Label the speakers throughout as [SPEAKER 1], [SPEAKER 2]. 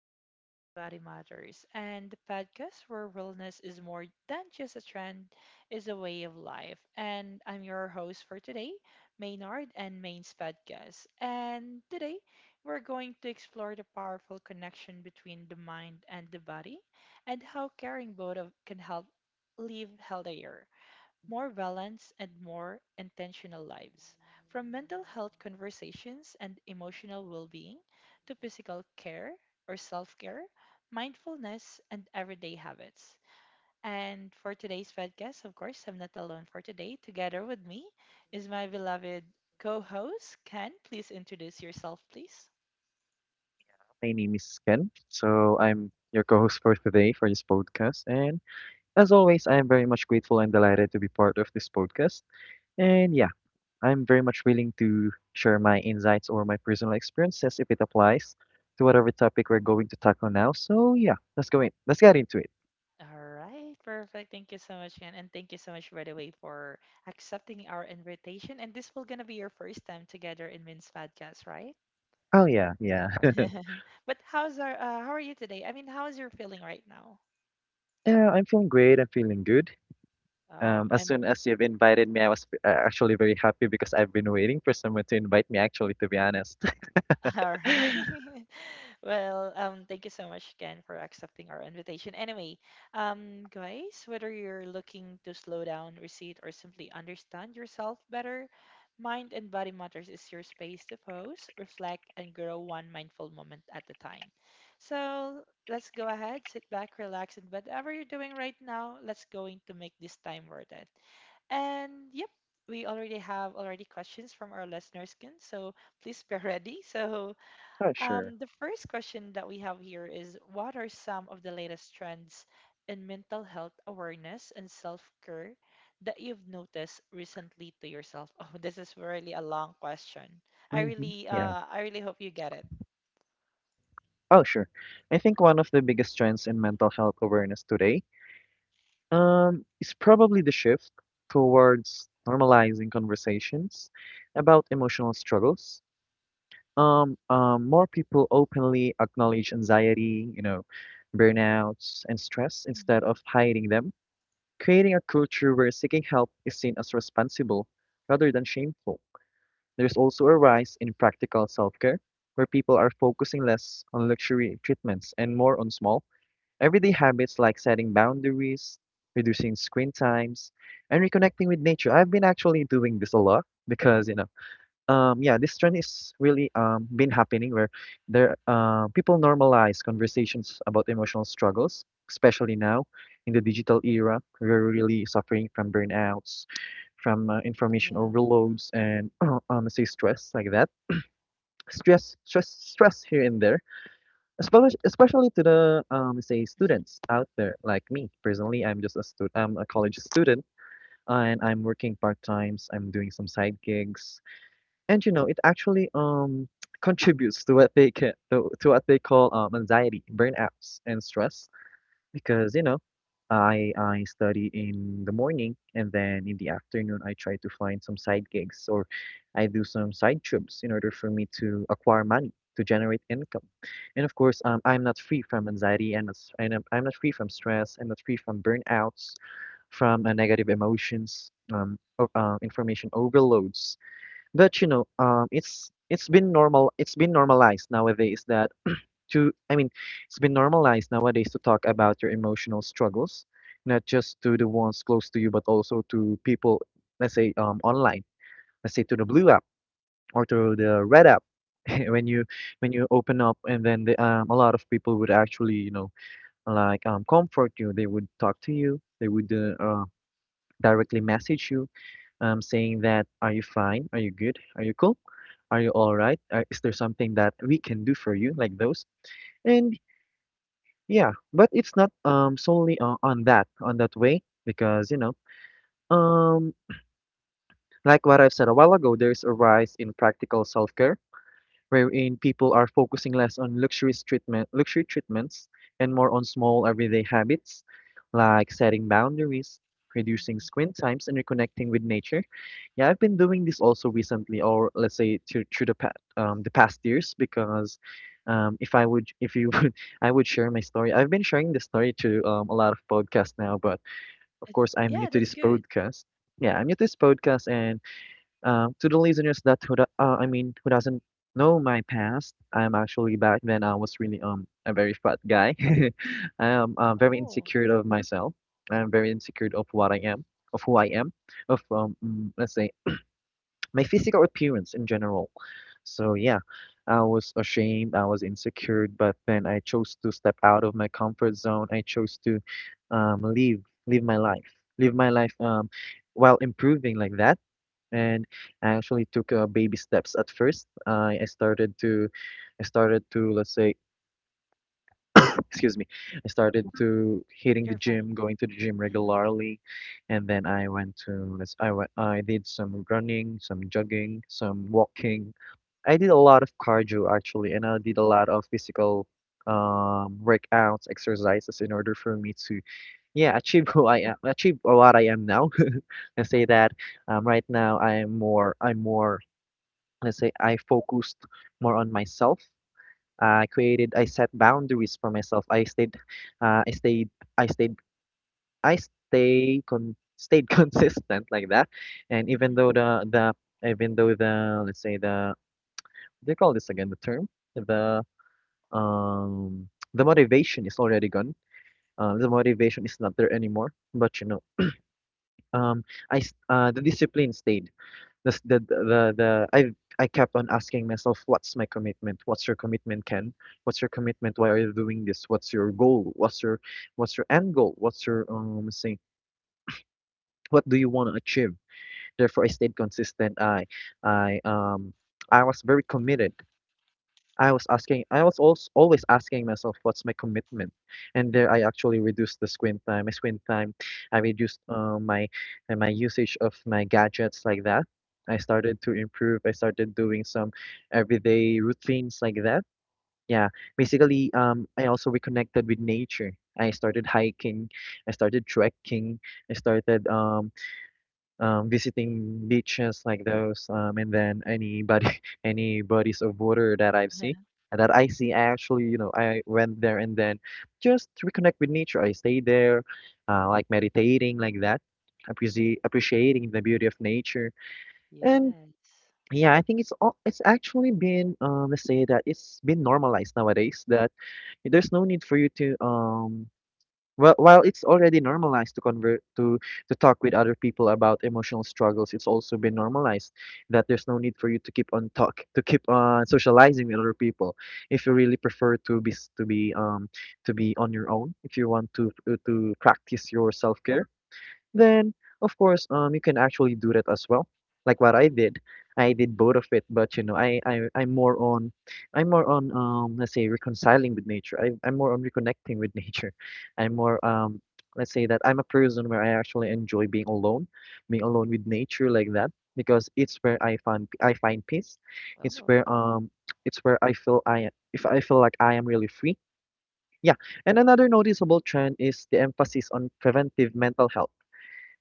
[SPEAKER 1] Mind and Body Matters, and the podcast where wellness is more than just a trend, is a way of life. And I'm your host for today, Maynard and Main's podcast. And today, we're going to explore the powerful connection between the mind and the body, and how caring both of can help live healthier more balanced, and more intentional lives. From mental health conversations and emotional well being to physical care or self care, mindfulness, and everyday habits. And for today's podcast, of course, I'm not alone for today. Together with me is my beloved co host, Ken. Please introduce yourself, please.
[SPEAKER 2] My name is Ken. So I'm your co-host for today for this podcast. And as always, I am very much grateful and delighted to be part of this podcast. And yeah, I'm very much willing to share my insights or my personal experiences if it applies to whatever topic we're going to tackle now. So yeah, let's go in. Let's get into it.
[SPEAKER 1] All right, perfect. Thank you so much, Ken. And thank you so much, by the way, for accepting our invitation. And this will gonna be your first time together in Min's podcast, right?
[SPEAKER 2] Oh yeah, yeah.
[SPEAKER 1] But how are you today? I mean, how's your feeling right now?
[SPEAKER 2] Yeah, I'm feeling great. I'm feeling good.
[SPEAKER 1] Oh,
[SPEAKER 2] As soon
[SPEAKER 1] I'm
[SPEAKER 2] as you've invited me, I was actually very happy because I've been waiting for someone to invite me, actually, to be honest.
[SPEAKER 1] all right. Well, thank you so much again for accepting our invitation. Anyway, guys, whether you're looking to slow down, recede, or simply understand yourself better, Mind and Body Matters is your space to pause, reflect, and grow one mindful moment at a time. So let's go ahead, sit back, relax, and whatever you're doing right now, let's going to make this time worth it. And yep, we already have already questions from our listeners, Ken. So please be ready. So
[SPEAKER 2] Oh, sure.
[SPEAKER 1] the first question that we have here is, what are some of the latest trends in mental health awareness and self-care that you've noticed recently to yourself? Oh, this is really a long question. I
[SPEAKER 2] Hmm.
[SPEAKER 1] really,
[SPEAKER 2] Yeah.
[SPEAKER 1] uh, I really hope you get it.
[SPEAKER 2] Oh, sure. I think one of the biggest trends in mental health awareness today is probably the shift towards normalizing conversations about emotional struggles. More people openly acknowledge anxiety, you know, burnouts, and stress instead
[SPEAKER 1] Hmm.
[SPEAKER 2] of hiding them, creating a culture where seeking help is seen as responsible rather than shameful. There's also a rise in practical self care, where people are focusing less on luxury treatments and more on small everyday habits like setting boundaries, reducing screen times, and reconnecting with nature. I've been actually doing this a lot because, you know, yeah, this trend is really been happening where there people normalize conversations about emotional struggles, especially now in the digital era. We're really suffering from burnouts, from
[SPEAKER 1] Yeah.
[SPEAKER 2] information overloads, and say stress like that. Stress, stress, stress here and there, especially especially
[SPEAKER 1] Mhm.
[SPEAKER 2] to the say students out there like me. Personally, I'm just a student. I'm a college student and I'm working part times. I'm doing some side gigs and you know it actually contributes to what they ca- to what they call anxiety, burnouts, and stress. Because you know, I study in the morning and then in the afternoon I try to find some side gigs or I do some side jobs in order for me to acquire money to generate income. And of course, I'm not free from anxiety and I'm not free from stress. I'm not free from burnouts, from negative emotions, information overloads. But you know, it's been normal. It's been normalized nowadays that to I mean it's been normalized nowadays to talk about your emotional struggles, not just to the ones close to you, but also to people, let's say online, let's say to the blue app or to the
[SPEAKER 1] Yeah.
[SPEAKER 2] red app. When you, when
[SPEAKER 1] Hmm.
[SPEAKER 2] you open up and then the, a lot of people would actually, you know, like comfort you. They would talk to you, they would directly message you, saying that, are you fine? Are you good? Are you cool? Are you all right? Is there something that we can do for you? Like those. And yeah, but it's not solely on that, on that way, because you know, um, like what I've said a while ago, there's a rise in practical self-care wherein people are focusing less on luxury treatments and more on small everyday habits like setting boundaries, reducing
[SPEAKER 1] Hmm.
[SPEAKER 2] screen times, and reconnecting with nature. Yeah, I've been doing this also recently, or let's say through the past years, because if you would, I would share my story. I've been sharing the story to a lot of podcasts now, but
[SPEAKER 1] And
[SPEAKER 2] of
[SPEAKER 1] yeah,
[SPEAKER 2] course,
[SPEAKER 1] that's
[SPEAKER 2] I'm new to
[SPEAKER 1] good.
[SPEAKER 2] this podcast. Yeah, I'm new to this podcast, and to the listeners that who do, I mean who doesn't know my past, I'm actually back then I was really a very fat guy. I am very
[SPEAKER 1] Oh,
[SPEAKER 2] insecure of myself. I'm very insecure of what I am, of who I am, of let's say my physical appearance in general. So yeah, I was ashamed, I was insecure, but then I chose to step out of my comfort zone. I chose to live, live my life, live my life while improving like that. And I actually took baby steps at first. I started I started to, let's say, excuse me, I started to hitting
[SPEAKER 1] you're
[SPEAKER 2] the
[SPEAKER 1] fine.
[SPEAKER 2] gym, going to the gym
[SPEAKER 1] Hmm.
[SPEAKER 2] regularly, and then I went, I did some running, some jogging, some walking. I did a lot of cardio actually, and I did a lot of physical workouts, exercises, in order for me to, yeah, achieve who I am, achieve what I am now. I say that right now I'm more, let's say, I focused more on myself. I created, I set boundaries for myself. I stayed, I stayed, I stayed, I stay con stayed consistent like that. And even
[SPEAKER 1] Hmm.
[SPEAKER 2] though the even though the let's say the, they call this again, the term, the, um, the motivation is already gone. The motivation is not there anymore. But you know, um, the discipline stayed. The I kept on asking myself, what's my commitment? What's your commitment, Ken? What's your commitment? Why are you doing this? What's your goal? What's your end goal? What's your say? What do you want to achieve? Therefore, I stayed consistent. I um I was very committed. I was also always asking myself, what's my commitment? And there, I actually reduced the screen time. My screen time, I reduced my usage of my gadgets like that. I started to improve. I started doing some everyday routines like that. Yeah, basically, I also reconnected with nature. I started hiking. I started trekking. I started visiting beaches like those, and then any bodies of water that I see, I actually, you know, I went there and then just reconnect with nature. I stayed there, like meditating like that, appreciating the beauty of nature. And
[SPEAKER 1] Yes.
[SPEAKER 2] yeah, I think it's actually been, let's say that it's been normalized nowadays that there's no need for you to um, well, while it's already normalized to convert to talk with other people about emotional struggles, it's also been normalized that there's no need for you to keep on socializing with other people. If you really prefer to be um, to be on your own, if you want to practice your self care, then, of course, you can actually do that as well. Like what I did both of it, but you know, I'm more on let's say reconciling with nature. I'm more on reconnecting with nature. I'm more let's say that I'm a person where I actually enjoy being alone with nature like that, because it's where
[SPEAKER 1] Oh.
[SPEAKER 2] I find peace. It's where um, it's where I, if I feel like I am really free. Yeah, and another noticeable trend is the emphasis on preventive mental health.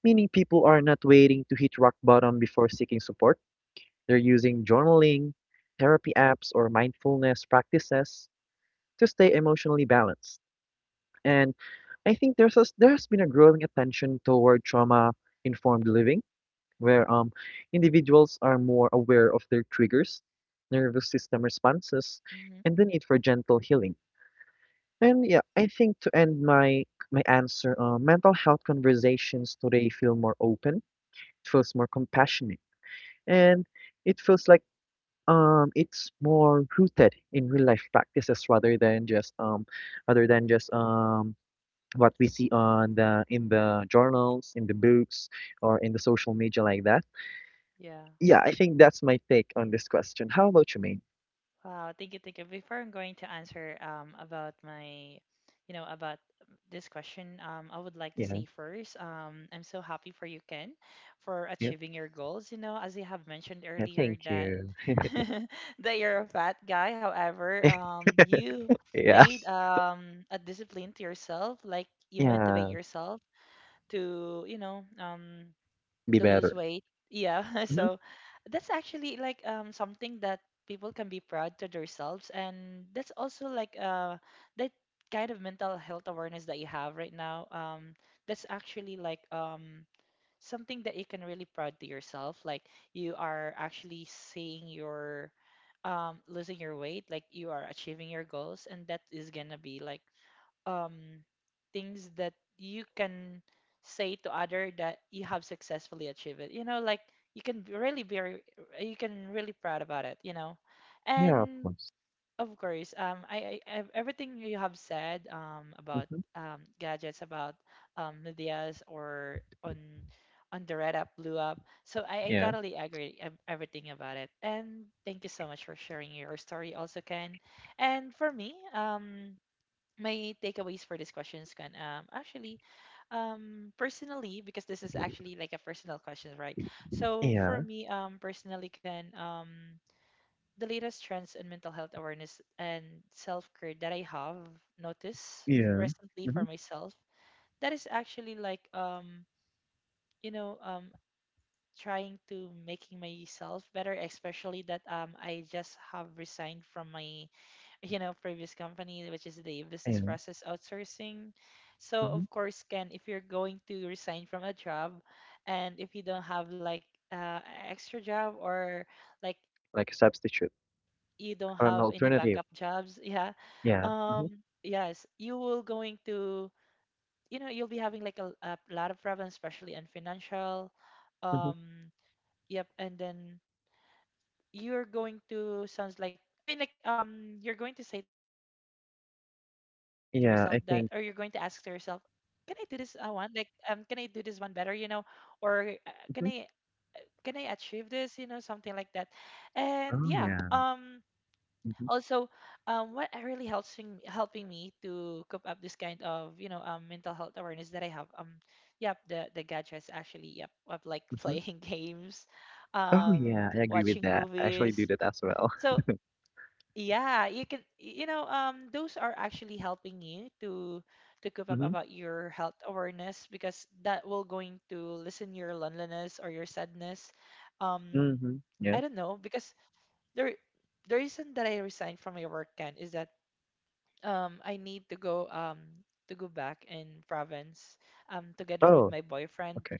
[SPEAKER 2] Meaning people are not waiting to hit rock bottom before seeking support. They're using journaling, therapy apps, or mindfulness practices to stay emotionally balanced. And I think there has been a growing attention toward trauma informed living, where individuals are more aware of their triggers, nervous system
[SPEAKER 1] Mm-hmm.
[SPEAKER 2] responses, and the need for gentle healing. And yeah, I think to end my, my answer, mental health conversations today feel more open. It feels more compassionate and it feels like it's more rooted in real life practices rather than just other than just um, what we see on the in the journals, in the books, or in the social media like that.
[SPEAKER 1] Yeah.
[SPEAKER 2] Yeah, I think that's my take on this question. How about you, Maine?
[SPEAKER 1] Wow. Thank you. Thank you. Before I'm going to answer about my, you know, about this question, I would like to
[SPEAKER 2] Yeah,
[SPEAKER 1] say first, I'm so happy for you, Ken, for
[SPEAKER 2] yeah,
[SPEAKER 1] achieving your goals. You know, as you have mentioned
[SPEAKER 2] yeah,
[SPEAKER 1] earlier
[SPEAKER 2] thank
[SPEAKER 1] that
[SPEAKER 2] you.
[SPEAKER 1] that you're a fat guy. However, you
[SPEAKER 2] Yeah,
[SPEAKER 1] made a discipline to yourself, like you motivate
[SPEAKER 2] yeah,
[SPEAKER 1] yourself to, you know, um
[SPEAKER 2] be
[SPEAKER 1] to lose
[SPEAKER 2] better.
[SPEAKER 1] weight. Yeah,
[SPEAKER 2] Hmm.
[SPEAKER 1] so that's actually like something that people can be proud to themselves, and that's also like that kind of mental health awareness that you have right now. That's actually like something that you can really proud to yourself. Like you are actually seeing your losing your weight, like you are achieving your goals, and that is gonna be like um, things that you can say to other that you have successfully achieved it. You know, like you can be really be re- you can really proud about it. You know,
[SPEAKER 2] Yeah, of
[SPEAKER 1] and
[SPEAKER 2] course.
[SPEAKER 1] of course, everything you have said about
[SPEAKER 2] Hmm.
[SPEAKER 1] gadgets about Lydia's or on the red up blue up. So I
[SPEAKER 2] Yeah,
[SPEAKER 1] totally agree everything about it. And thank you so much for sharing your story also, Ken. And for me, my takeaways for this question is kind actually personally, because this is actually like a personal question, right? So for
[SPEAKER 2] yeah,
[SPEAKER 1] me, personally, can the latest trends in mental health awareness and self-care that I have noticed
[SPEAKER 2] yeah.
[SPEAKER 1] recently
[SPEAKER 2] Hmm.
[SPEAKER 1] for myself, that is actually like you know um trying to making myself better, especially that I just have resigned from my previous company, which is the business
[SPEAKER 2] Yeah.
[SPEAKER 1] process outsourcing. So
[SPEAKER 2] Hmm.
[SPEAKER 1] of course, Ken, if you're going to resign from a job, and if you don't have like uh, extra job or like
[SPEAKER 2] Like a
[SPEAKER 1] you don't
[SPEAKER 2] substitute,
[SPEAKER 1] have any backup
[SPEAKER 2] or
[SPEAKER 1] jobs,
[SPEAKER 2] an
[SPEAKER 1] yeah.
[SPEAKER 2] alternative.
[SPEAKER 1] um
[SPEAKER 2] Yeah. Hmm.
[SPEAKER 1] yes, you will going to you know you'll be having like a lot of problems, especially in financial, um yep. And then you're going to sounds like I mean, like, you're going to say to yourself that, or you're going to ask to yourself,
[SPEAKER 2] Yeah,
[SPEAKER 1] can I
[SPEAKER 2] I
[SPEAKER 1] do
[SPEAKER 2] think.
[SPEAKER 1] this one? Like, can I do this one better? You know, or can I
[SPEAKER 2] Mhm.
[SPEAKER 1] can I achieve this? You know, something like that. And yeah,
[SPEAKER 2] Oh, yeah.
[SPEAKER 1] also,
[SPEAKER 2] Mhm,
[SPEAKER 1] what I really helping me to cope up this kind of mental health awareness that I have. Yep, the gadgets actually. Yep, of like
[SPEAKER 2] mhm.
[SPEAKER 1] playing games,
[SPEAKER 2] Oh, yeah, I agree with
[SPEAKER 1] watching
[SPEAKER 2] that. I actually
[SPEAKER 1] movies.
[SPEAKER 2] do that as well.
[SPEAKER 1] So yeah, you could, you know, those are actually helping you to cope up
[SPEAKER 2] Mhm,
[SPEAKER 1] about your health awareness, because that will going to lessen your loneliness or your sadness. Um,
[SPEAKER 2] mhm,
[SPEAKER 1] I
[SPEAKER 2] yeah.
[SPEAKER 1] don't know, because there the reason that I resigned from my work, can is that I need to go to go back in province together with
[SPEAKER 2] Oh,
[SPEAKER 1] my boyfriend.
[SPEAKER 2] okay.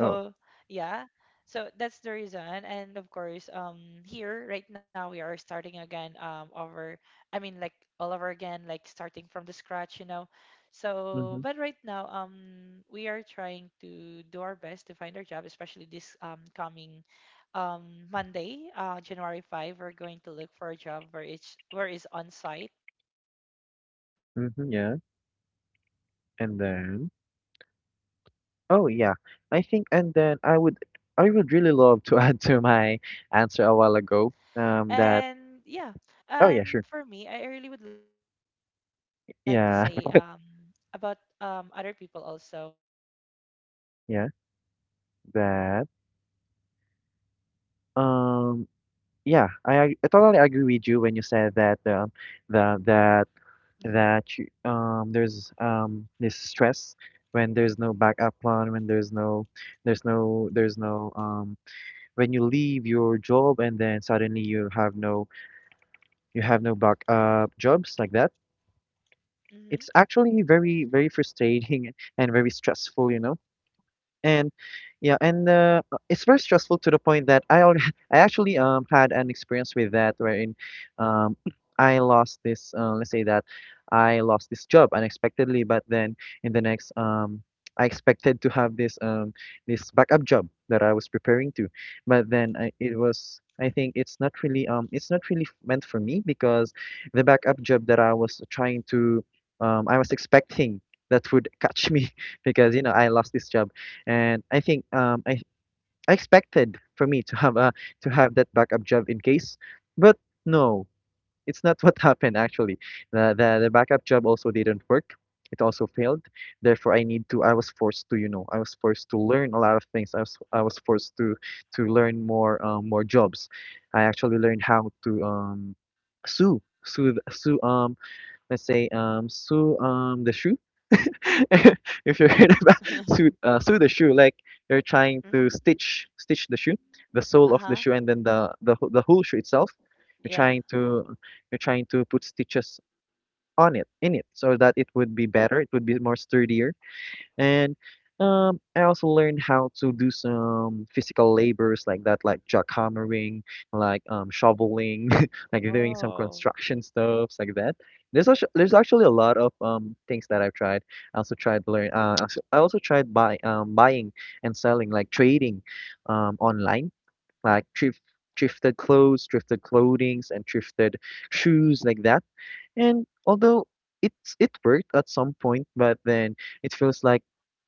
[SPEAKER 2] Oh,
[SPEAKER 1] yeah. So that's the reason, and of course, here right now we are starting again over, I mean like all over again, like starting from the scratch, you know. So
[SPEAKER 2] mhm,
[SPEAKER 1] but right now, we are trying to do our best to find our job, especially this coming um Monday, January 5, we're going to look for a job where it's where is on site. And yeah,
[SPEAKER 2] mhm, yeah.
[SPEAKER 1] and for me, I
[SPEAKER 2] And
[SPEAKER 1] really would like to
[SPEAKER 2] then,
[SPEAKER 1] say about
[SPEAKER 2] oh, yeah.
[SPEAKER 1] other
[SPEAKER 2] I
[SPEAKER 1] people
[SPEAKER 2] think, and
[SPEAKER 1] also.
[SPEAKER 2] then I would, I would really love to add to my answer a while ago, that
[SPEAKER 1] Uh-huh. Go
[SPEAKER 2] oh,
[SPEAKER 1] ahead.
[SPEAKER 2] yeah, sure.
[SPEAKER 1] Go ahead.
[SPEAKER 2] Yeah,
[SPEAKER 1] Something that you would like to say?
[SPEAKER 2] yeah, that. Um, yeah, I totally agree with you when you said
[SPEAKER 1] Yes,
[SPEAKER 2] that
[SPEAKER 1] something that.
[SPEAKER 2] the that
[SPEAKER 1] Mm-hmm.
[SPEAKER 2] that you, there's this stress when there's no backup plan, when there's no, when you leave your job and then suddenly you have no backup jobs like that.
[SPEAKER 1] Mm-hmm.
[SPEAKER 2] It's actually very, very frustrating and very stressful, you know. And yeah, and it's very stressful to the point that I actually had an experience with that wherein um I lost this let's say that I lost this job unexpectedly, but then in the next I expected to have this this backup job that I was preparing to. But then it was I think it's not really meant for me, because the backup job that I was trying to I was expecting that would catch me because, you know, I lost this job. And I think I expected for me to have a to have that backup job in case. But no, it's not what happened, actually. The backup job also didn't work. It also failed. Therefore, I need to. I was forced to, you know, I was forced to learn a lot of things. I was forced to learn more, more jobs. I actually learned how to sue sue the- sue let's say, sue the shoe, if you heard about sew the shoe, like you're trying to
[SPEAKER 1] Mm-hmm.
[SPEAKER 2] stitch the shoe, the sole of the
[SPEAKER 1] Uh-huh.
[SPEAKER 2] shoe, and then the whole shoe itself. You're
[SPEAKER 1] Yeah.
[SPEAKER 2] trying to you're trying to put stitches on it, in it, so that it would be better. It would be more sturdier. And I also learned how to do some physical labors like that, like jackhammering, like, shoveling, like doing some
[SPEAKER 1] Oh.
[SPEAKER 2] construction stuffs like that. There's actually a lot of, things that I've tried. I also tried to learn. I also tried buying and selling, like trading, online, like thrifted clothes, thrifted clothings, and thrifted shoes like that. And although it worked at some point, but then it feels like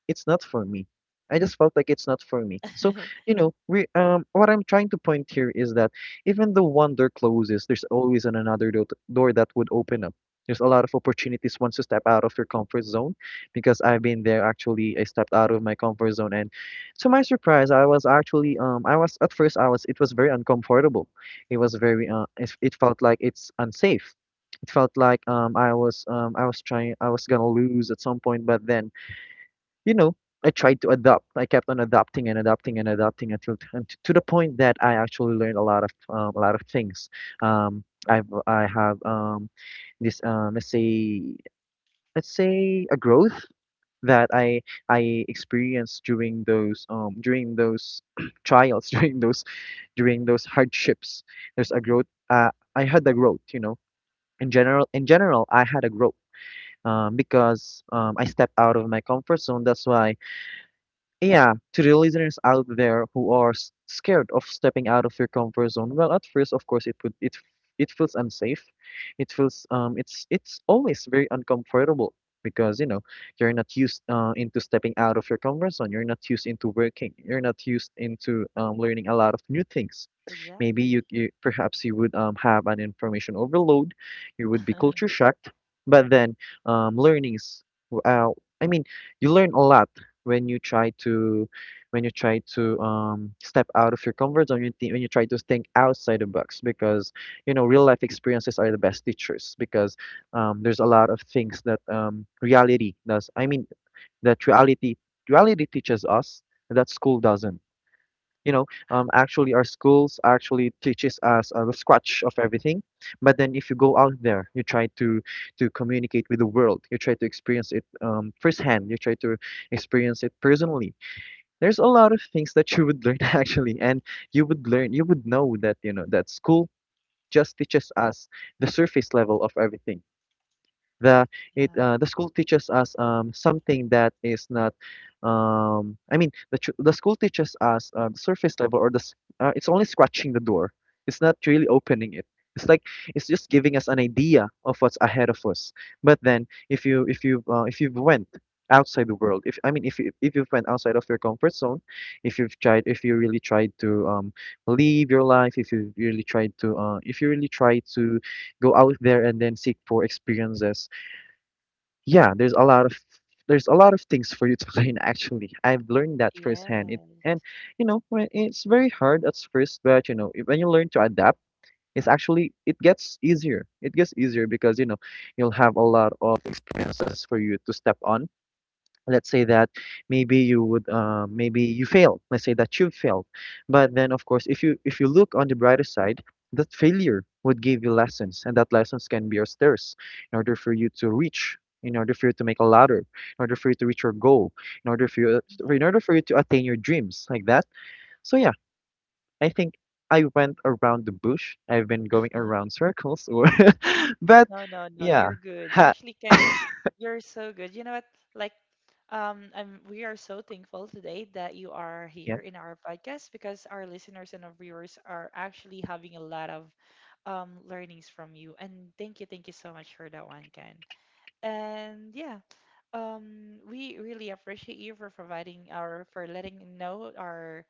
[SPEAKER 2] it's not for me. I just felt like it's not for me. So, you know, we, what I'm trying to point here is that even though one door closes, there's always an another door that would open up. There's a lot of opportunities once you step out of your comfort zone, because I've been there, actually. I stepped out of my comfort zone, and to my surprise, I was actually I was at first I was it was very uncomfortable. It felt like it's unsafe. It felt like, I was gonna lose at some point, but then, you know, I tried to adopt. I kept on adopting and adopting and adopting, to the point that I actually learned a lot of things. Um, I have, this, let's say a growth that I experienced during those, during those trials, during those hardships. There's a growth.
[SPEAKER 1] Mhm.
[SPEAKER 2] Uh, I had a growth. You know, in general, I had a growth. Because, I stepped out of my comfort zone. That's why, yeah, to the listeners out there who are scared of stepping out of your comfort zone, well, at first, of course, it would, it feels unsafe. It feels, it's always very uncomfortable, because you know you're not used, into stepping out of your comfort zone. You're not used into working. You're not used into, learning a lot of new things. Maybe
[SPEAKER 1] Exactly.
[SPEAKER 2] you perhaps you would, have an information overload. You would be culture shocked, but then, learnings. w- Uh, I mean, you learn a lot when you try to, step out of your comfort zone. When you try to think outside the box, because you know real life experiences are the best teachers. Because, there's a lot of things that, reality does. I mean, that reality teaches us that school doesn't, you know
[SPEAKER 1] Uh.
[SPEAKER 2] actually our schools actually teaches us, the scratch of everything. But then if you go out there, you try to communicate with the world. You try to experience it, firsthand. You try to experience it personally. There's a lot of things that you would learn actually. And you would know that you know that school just teaches us the surface level of everything. the
[SPEAKER 1] Yeah.
[SPEAKER 2] the school teaches us something that is not, I mean, the school teaches us, the surface level, or it's only scratching the door. It's not really opening it. It's like, it's just giving us an idea of what's ahead of us. But then if you've went outside the world, if I mean, if you've went outside of your comfort zone, if you really tried to, live your life, if you really tried to if you really try to go out there and then seek for experiences. Yeah, there's a lot of things for you to learn, actually. I've learned that firsthand, it
[SPEAKER 1] Yeah.
[SPEAKER 2] and, you know, it's very hard at first, but you know, when you learn to adapt, it gets easier. It gets easier, because you know you'll have a lot of experiences for you to step on. Let's say that maybe you would maybe you failed. Let's say that you failed. But then, of course, if you look on the brighter side, that failure would give you lessons, and that lessons can be your stairs in order for you to reach, in order for you to make a
[SPEAKER 1] There
[SPEAKER 2] ladder, in order for you to reach your goal, in order for you
[SPEAKER 1] we go.
[SPEAKER 2] in order for you to attain your dreams, like that. So yeah, I think I went around the bush. I've been going around circles, or, but
[SPEAKER 1] No, no, no.
[SPEAKER 2] yeah.
[SPEAKER 1] You're good.
[SPEAKER 2] Ha.
[SPEAKER 1] Actually, Ken, you're so good. You know what? Like, we are so thankful today that you are
[SPEAKER 2] Yeah.
[SPEAKER 1] here in our podcast, because our listeners and our viewers are actually having a lot of learnings from you. And thank you so much for that one, Ken. And yeah, we really appreciate you for providing our for letting know our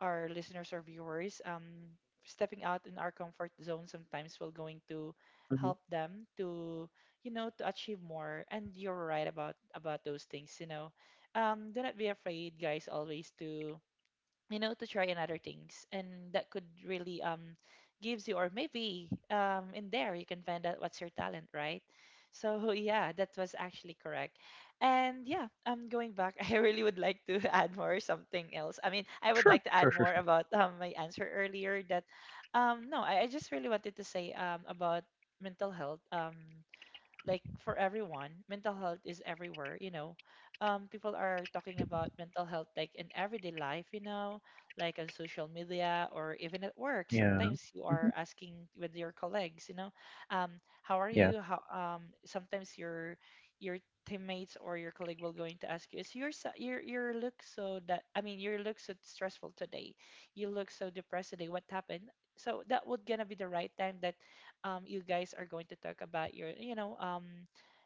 [SPEAKER 1] our listeners or viewers. Stepping out in our comfort zone sometimes will going to
[SPEAKER 2] Hmm.
[SPEAKER 1] help them to achieve more. And you're right about those things. You know, do not be afraid, guys. Always to you know to try another things, and that could really gives you, or maybe in there you can find out what's your talent, right? So yeah, that was actually correct. And yeah, going back, I really would like to add more something else, I mean, I would
[SPEAKER 2] Sure,
[SPEAKER 1] like to add
[SPEAKER 2] sure, sure,
[SPEAKER 1] more
[SPEAKER 2] sure.
[SPEAKER 1] about my answer earlier, that no, I just really wanted to say about mental health. Like, for everyone, mental health is everywhere, you know. People are talking about mental health like in everyday life, you know, like on social media, or even at work
[SPEAKER 2] Yeah.
[SPEAKER 1] sometimes you
[SPEAKER 2] Mhm.
[SPEAKER 1] are asking with your colleagues, you know, um how are
[SPEAKER 2] Yeah,
[SPEAKER 1] you, how sometimes your teammates or your colleague will going to ask you, your look so that I mean your look so stressful today, you look so depressed today, what happened? So that would gonna be the right time that, you guys are going to talk about your, you know, um,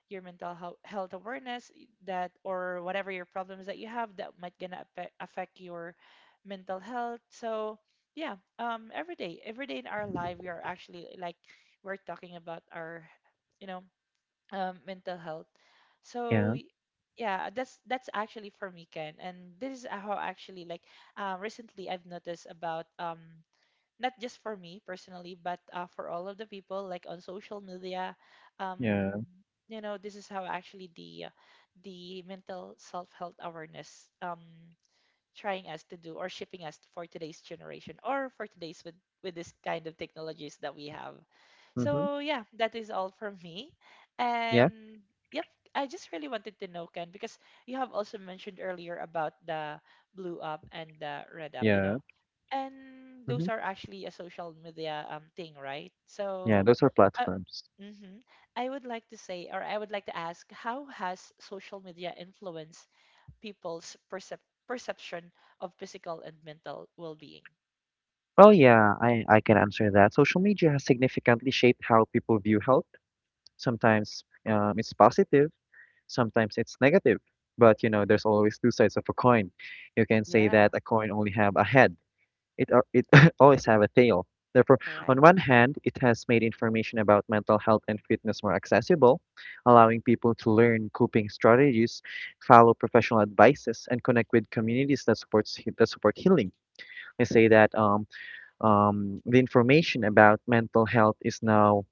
[SPEAKER 1] your mental health, health awareness, that or whatever your problems that you have that might gonna affect your mental health. So yeah, every day in our life, we are actually like we're talking about our, you know, mental health. So
[SPEAKER 2] yeah,
[SPEAKER 1] yeah, that's actually for me, Ken. And this is how actually like, recently I've noticed about not just for me personally, but for all of the people like on social media. Um,
[SPEAKER 2] yeah,
[SPEAKER 1] you know, this is how actually the mental self health awareness trying us to do, or shipping us for today's generation, or for today's with this kind of technologies that we have.
[SPEAKER 2] mhm,
[SPEAKER 1] So yeah, that is all from me.
[SPEAKER 2] yeah,
[SPEAKER 1] And yep, I just really wanted to know, Ken, because you have also mentioned earlier about the blue up and the red up, you
[SPEAKER 2] yeah,
[SPEAKER 1] know. And those
[SPEAKER 2] mhm,
[SPEAKER 1] are actually a social media thing, right?
[SPEAKER 2] yeah,
[SPEAKER 1] So
[SPEAKER 2] those are
[SPEAKER 1] uh,
[SPEAKER 2] platforms.
[SPEAKER 1] mhm. I would like to say, or I would like to ask, how has social media influenced people's perception of physical and mental well-being?
[SPEAKER 2] Well, yeah, I can answer that. Social media has significantly shaped how people view health. Sometimes, it's positive, sometimes it's negative. But you know, there's always two sides of a coin. You can say
[SPEAKER 1] Yeah,
[SPEAKER 2] that a coin only have a head. It always have a tail. Therefore,
[SPEAKER 1] correct.
[SPEAKER 2] on one hand, it has made information about mental health and fitness more accessible, allowing people to learn coping strategies, follow professional advices, and connect with communities that support healing. I say that, the information about mental health is now,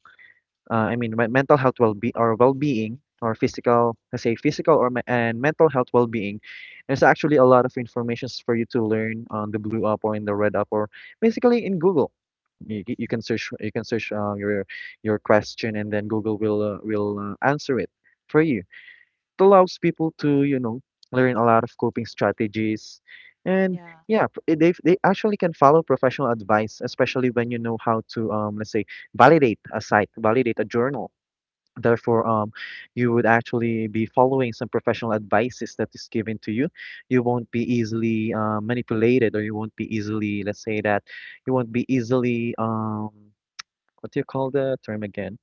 [SPEAKER 2] I mean, my mental health, well-being, or physical. Let's say physical or, and mental health well-being. There's actually a lot of informations for you to learn on the Blue App, or in the Red App, or basically in Google. You can search you can search, your question, and then Google will, answer it for you. It allows people to, learn a lot of coping strategies. And
[SPEAKER 1] Yeah,
[SPEAKER 2] yeah, they actually can follow professional advice, especially when you know how to, let's say, validate a site, validate a journal. Therefore, you would actually be following some professional advices that is given to you. You won't be easily, manipulated, or you won't be easily, let's say that, you won't be easily, what do you call the term again?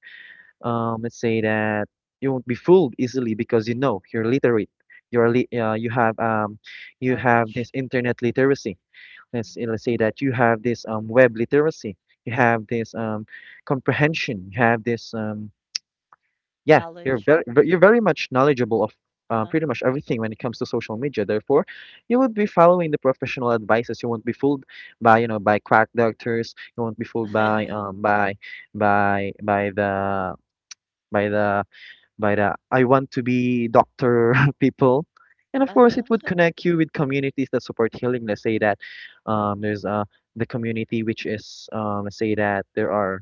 [SPEAKER 2] Let's say that you won't be fooled easily because you know you're literate. You're li uh, you have um, you have
[SPEAKER 1] knowledge.
[SPEAKER 2] this internet literacy.
[SPEAKER 1] Hmm.
[SPEAKER 2] Let's say that you have this, web literacy. You have this, comprehension. You have this, yeah.
[SPEAKER 1] Knowledge.
[SPEAKER 2] You're very much knowledgeable of,
[SPEAKER 1] Uh-huh.
[SPEAKER 2] pretty much everything when it comes to social media. Therefore, you would be following the professional advices. You won't be fooled by quack doctors. You won't be fooled by the by the by the I want to be doctor people. And of course, it would
[SPEAKER 1] Uh-huh.
[SPEAKER 2] connect you with communities that support healing. Let's say that, there's, the community, which is, let's say that,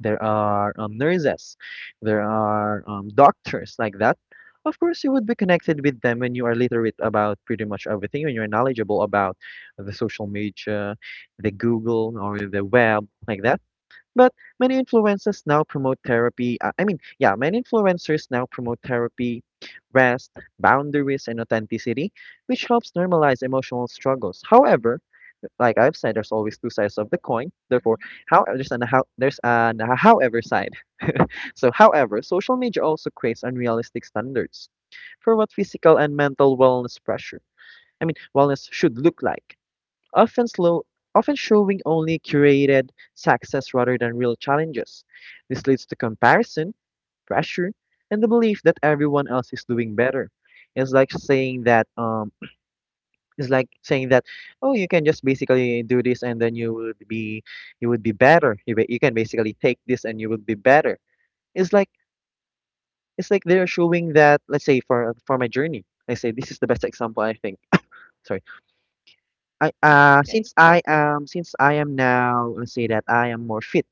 [SPEAKER 2] there are, nurses, there are, doctors, like that. Of course, you would be connected with them when you are literate about pretty much everything, when you're knowledgeable about the social media, the Google or the web, like that. But many influencers now promote therapy. I mean, yeah, many influencers now promote therapy, rest, boundaries, and authenticity, which helps normalize emotional struggles. However, like I've said, there's always two sides of the coin. Therefore,
[SPEAKER 1] Mhm.
[SPEAKER 2] how there's an however side. So, however, social media also creates unrealistic standards for what physical and mental wellness pressure. I mean, wellness should look like often slow often showing only curated success rather than real challenges. This leads to comparison, pressure, and the belief that everyone else is doing better. It's like saying that it's like saying that oh you can just basically do this and then you would be better. You can basically take this and you would be better. It's like it's like they're showing that, let's say for my journey. I say this is the best example I think. Sorry. I
[SPEAKER 1] It's okay.
[SPEAKER 2] since I am now, let's say that I am more fit.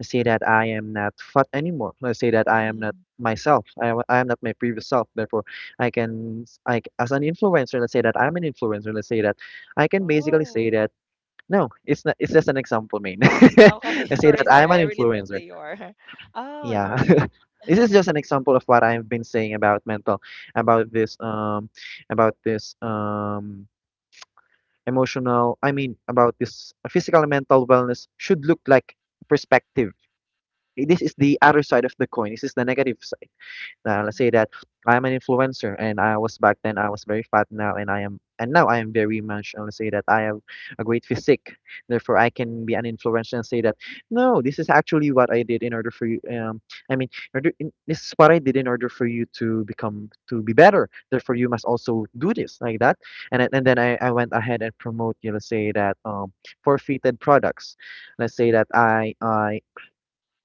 [SPEAKER 2] Let's say that I am not fat anymore. Let's say that I am not myself. I am not my previous self. Therefore, like as an influencer. Let's say that I'm an influencer. Let's say that I can basically
[SPEAKER 1] Oh.
[SPEAKER 2] say that no, it's not. It's just an example, man.
[SPEAKER 1] Okay,
[SPEAKER 2] Let's say
[SPEAKER 1] sorry,
[SPEAKER 2] that
[SPEAKER 1] sorry.
[SPEAKER 2] I'm
[SPEAKER 1] I
[SPEAKER 2] an
[SPEAKER 1] really thought that
[SPEAKER 2] influencer.
[SPEAKER 1] you are. Oh,
[SPEAKER 2] Yeah.
[SPEAKER 1] sorry.
[SPEAKER 2] This is just an example of what I've been saying about mental, about this um, about this emotional I mean about this physical and mental wellness should look like perspective. This is the other side of the coin. This is the let's say
[SPEAKER 1] Hmm.
[SPEAKER 2] that I'm an influencer, and I was back then I was very fat now, and I am and now I am very much. And let's say that I have a great physique, therefore I can be an influencer and say that no, this is actually what I did in order for you. I mean, this is what I did in order for you to be better. Therefore, you must also do this like that. And then I went ahead and promote, you know, let's say that forfeited products. Let's say that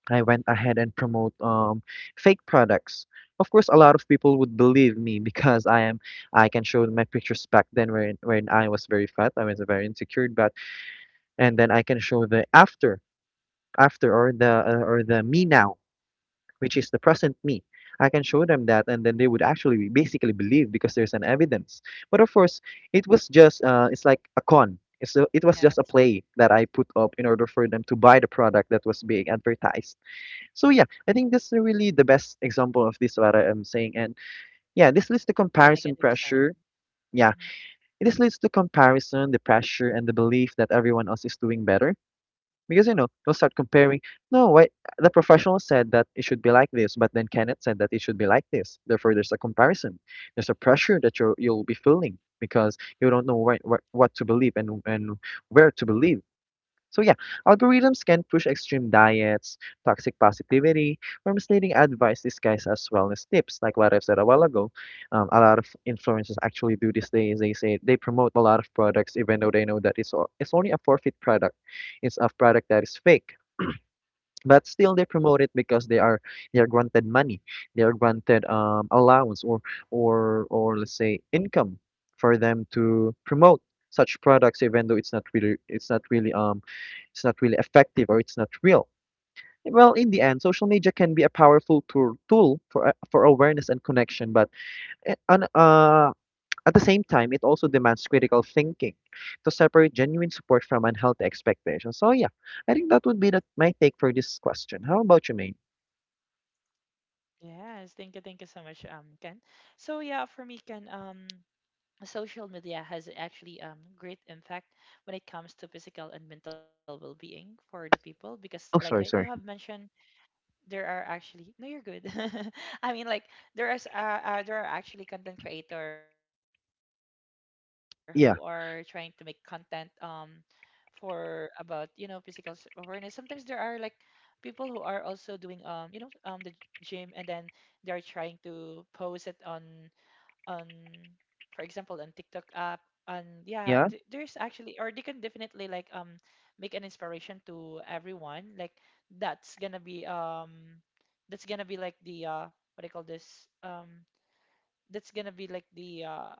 [SPEAKER 2] I went ahead and promote fake products. Of course, a lot of people would believe me because I can show my pictures back then when I was very fat, I was very insecure, but and then I can show the after after or the me now, which is the present me. I can show
[SPEAKER 1] Oh.
[SPEAKER 2] them that, and then they would actually basically believe because there's an evidence. But of course, it was just it's like a con. It was just a
[SPEAKER 1] Yes.
[SPEAKER 2] play that I put up in order for them to buy the product that was being advertised. So yeah, I think this is really the best example of this what I am saying. And yeah, this leads to
[SPEAKER 1] The
[SPEAKER 2] comparison
[SPEAKER 1] negative
[SPEAKER 2] pressure.
[SPEAKER 1] side.
[SPEAKER 2] Yeah,
[SPEAKER 1] Mhm.
[SPEAKER 2] this leads to comparison, the pressure, and the belief that everyone else is doing better. Because you know, they'll start comparing. No, why the professional said that it should be like this, but then Kenneth said that it should be like this. Therefore, there's a comparison. There's a pressure that you you'll be feeling because you don't know what to believe and where to believe. So yeah, algorithms can push extreme diets, toxic positivity, or misleading advice disguised as wellness tips. Like what I've said a while ago, a lot of influencers actually do this days. They say they promote a lot of products even though they know that it's only a for-fit product. It's a product that is fake, but still they promote it because they are granted money, they are granted allowance, or let's say income for them to promote such products, even though it's not really effective, or it's not real. Well, in the end, social media can be a powerful tool for for awareness and connection, but eh, on, uh, at the same time, it also demands critical thinking to separate genuine support from unhealthy expectations. So yeah, I think that would be that my take for this question. How about you, Maine?
[SPEAKER 1] Yes, thank you so much, Ken. So yeah, for me, Ken, social media has actually great impact when it comes to physical and mental well-being for the people because like what you have
[SPEAKER 2] Oh, sorry,
[SPEAKER 1] mentioned
[SPEAKER 2] sorry.
[SPEAKER 1] there are actually no you're good I mean like there is there are actually content creator who are trying to make content
[SPEAKER 2] Yeah,
[SPEAKER 1] for about you know physical awareness. Sometimes there are like people who are also doing you know the gym and then they are trying to post it on for example on TikTok app. And yeah,
[SPEAKER 2] yeah,
[SPEAKER 1] there's actually or they can definitely make an inspiration to everyone. Like that's gonna be that's gonna be like the what do you call this, that's gonna be like the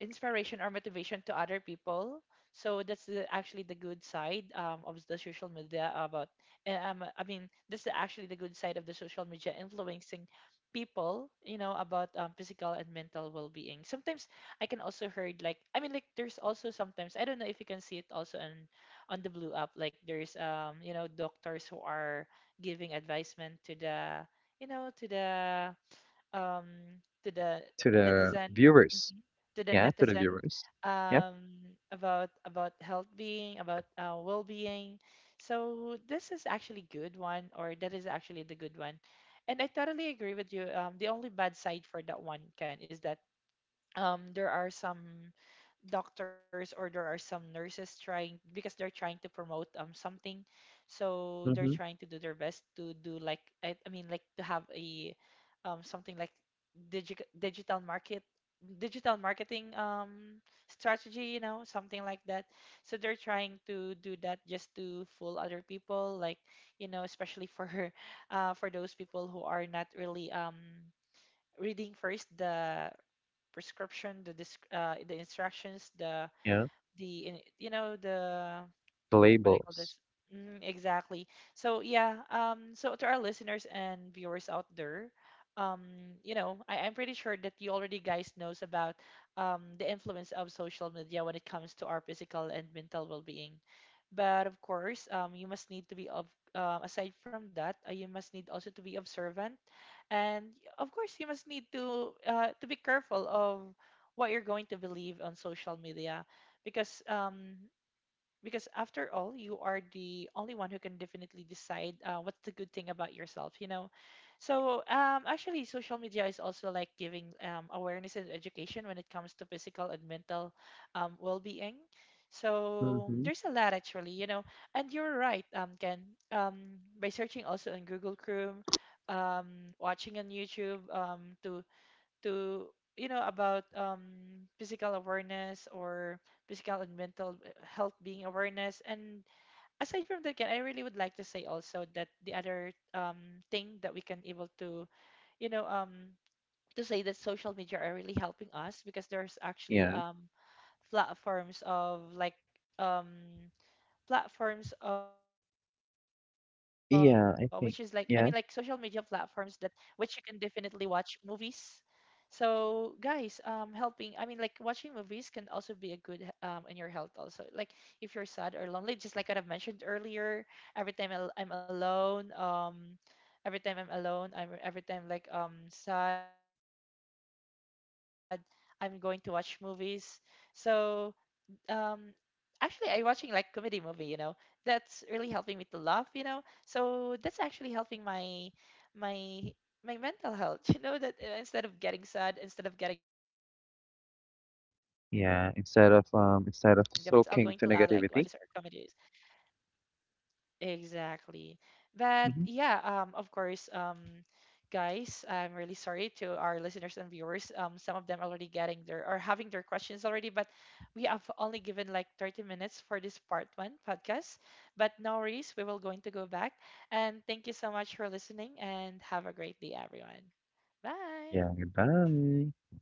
[SPEAKER 1] inspiration or motivation to other people. So that's the, actually the good side, of the social media about I mean that's the, actually the good side of the social media influencing people, you know, about physical and mental well-being. Sometimes I can also heard, like I mean like, there's also sometimes, I don't know if you can see it also on the blue app. Like there's you know doctors who are giving advisement to the you know um to the
[SPEAKER 2] to the
[SPEAKER 1] netizen.
[SPEAKER 2] viewers.
[SPEAKER 1] Mhm, to the
[SPEAKER 2] Yeah, to the
[SPEAKER 1] netizen,
[SPEAKER 2] viewers. Yeah.
[SPEAKER 1] about health being, about well-being. So this is actually good one, or that is actually the good one, and I totally agree with you. The only bad side for that one, Ken, is that there are some doctors or there are some nurses trying, because they're trying to promote something. So they're
[SPEAKER 2] mm-hmm,
[SPEAKER 1] trying to do their best to do like I mean like to have a something like digital market digital marketing strategy, you know, something like that. So they're trying to do that just to fool other people, like, you know, especially for for those people who are not really reading first the prescription, the the instructions, the
[SPEAKER 2] yeah.
[SPEAKER 1] you know, the
[SPEAKER 2] The
[SPEAKER 1] what I call
[SPEAKER 2] labels.
[SPEAKER 1] this. Mm, exactly. So yeah, so to our listeners and viewers out there, um, you know, I'm pretty sure that you already guys knows about the influence of social media when it comes to our physical and mental well-being. But of course, you must need to be of aside from that, you must need also to be observant, and of course, you must need to be careful of what you're going to believe on social media because um, because after all you are the only one who can definitely decide, what's the good thing about yourself, you know. So actually social media is also like giving awareness and education when it comes to physical and mental, well-being. So
[SPEAKER 2] Mm-hmm.
[SPEAKER 1] there's a lot actually, you know. And you're right, Ken, um, by searching also on Google Chrome, um, watching on YouTube, to to you know about physical awareness, or physical and mental, health being awareness. And aside from that, Ken, I really would like to say also that the other thing that we can able to you know to say that social media are really helping us, because there's actually
[SPEAKER 2] Yeah.
[SPEAKER 1] platforms of like um, platforms which is like, I mean like, social media
[SPEAKER 2] Yeah, I
[SPEAKER 1] platforms that
[SPEAKER 2] think.
[SPEAKER 1] which
[SPEAKER 2] Yeah,
[SPEAKER 1] you can definitely watch movies. So guys, helping, I mean like, watching movies can also be a good in your health also. Like, if you're sad or lonely, just like what I've mentioned earlier, I'm alone, every time I'm alone, I'm every time like sad, I'm going to watch movies. So um actually I watching like comedy movie, you know, that's really helping me to laugh, you know, so that's actually helping my my mental health. You know that, instead of getting sad, instead of getting depressed or stressed, I will just go ahead and
[SPEAKER 2] yeah.
[SPEAKER 1] watch movies, I'll going to laugh
[SPEAKER 2] Instead
[SPEAKER 1] all
[SPEAKER 2] of
[SPEAKER 1] day like
[SPEAKER 2] soaking to
[SPEAKER 1] watching movies or
[SPEAKER 2] negativity.
[SPEAKER 1] comedies. Exactly.
[SPEAKER 2] Mm-hmm.
[SPEAKER 1] But yeah, of course, guys, I'm really sorry to our listeners and viewers. Some of them already getting their or having their questions already, but we have only given like 30 minutes for this part one podcast. But no worries, we will going to go back. And thank you so much for listening and have a great day,
[SPEAKER 2] Yeah,
[SPEAKER 1] everyone.
[SPEAKER 2] goodbye.
[SPEAKER 1] Bye.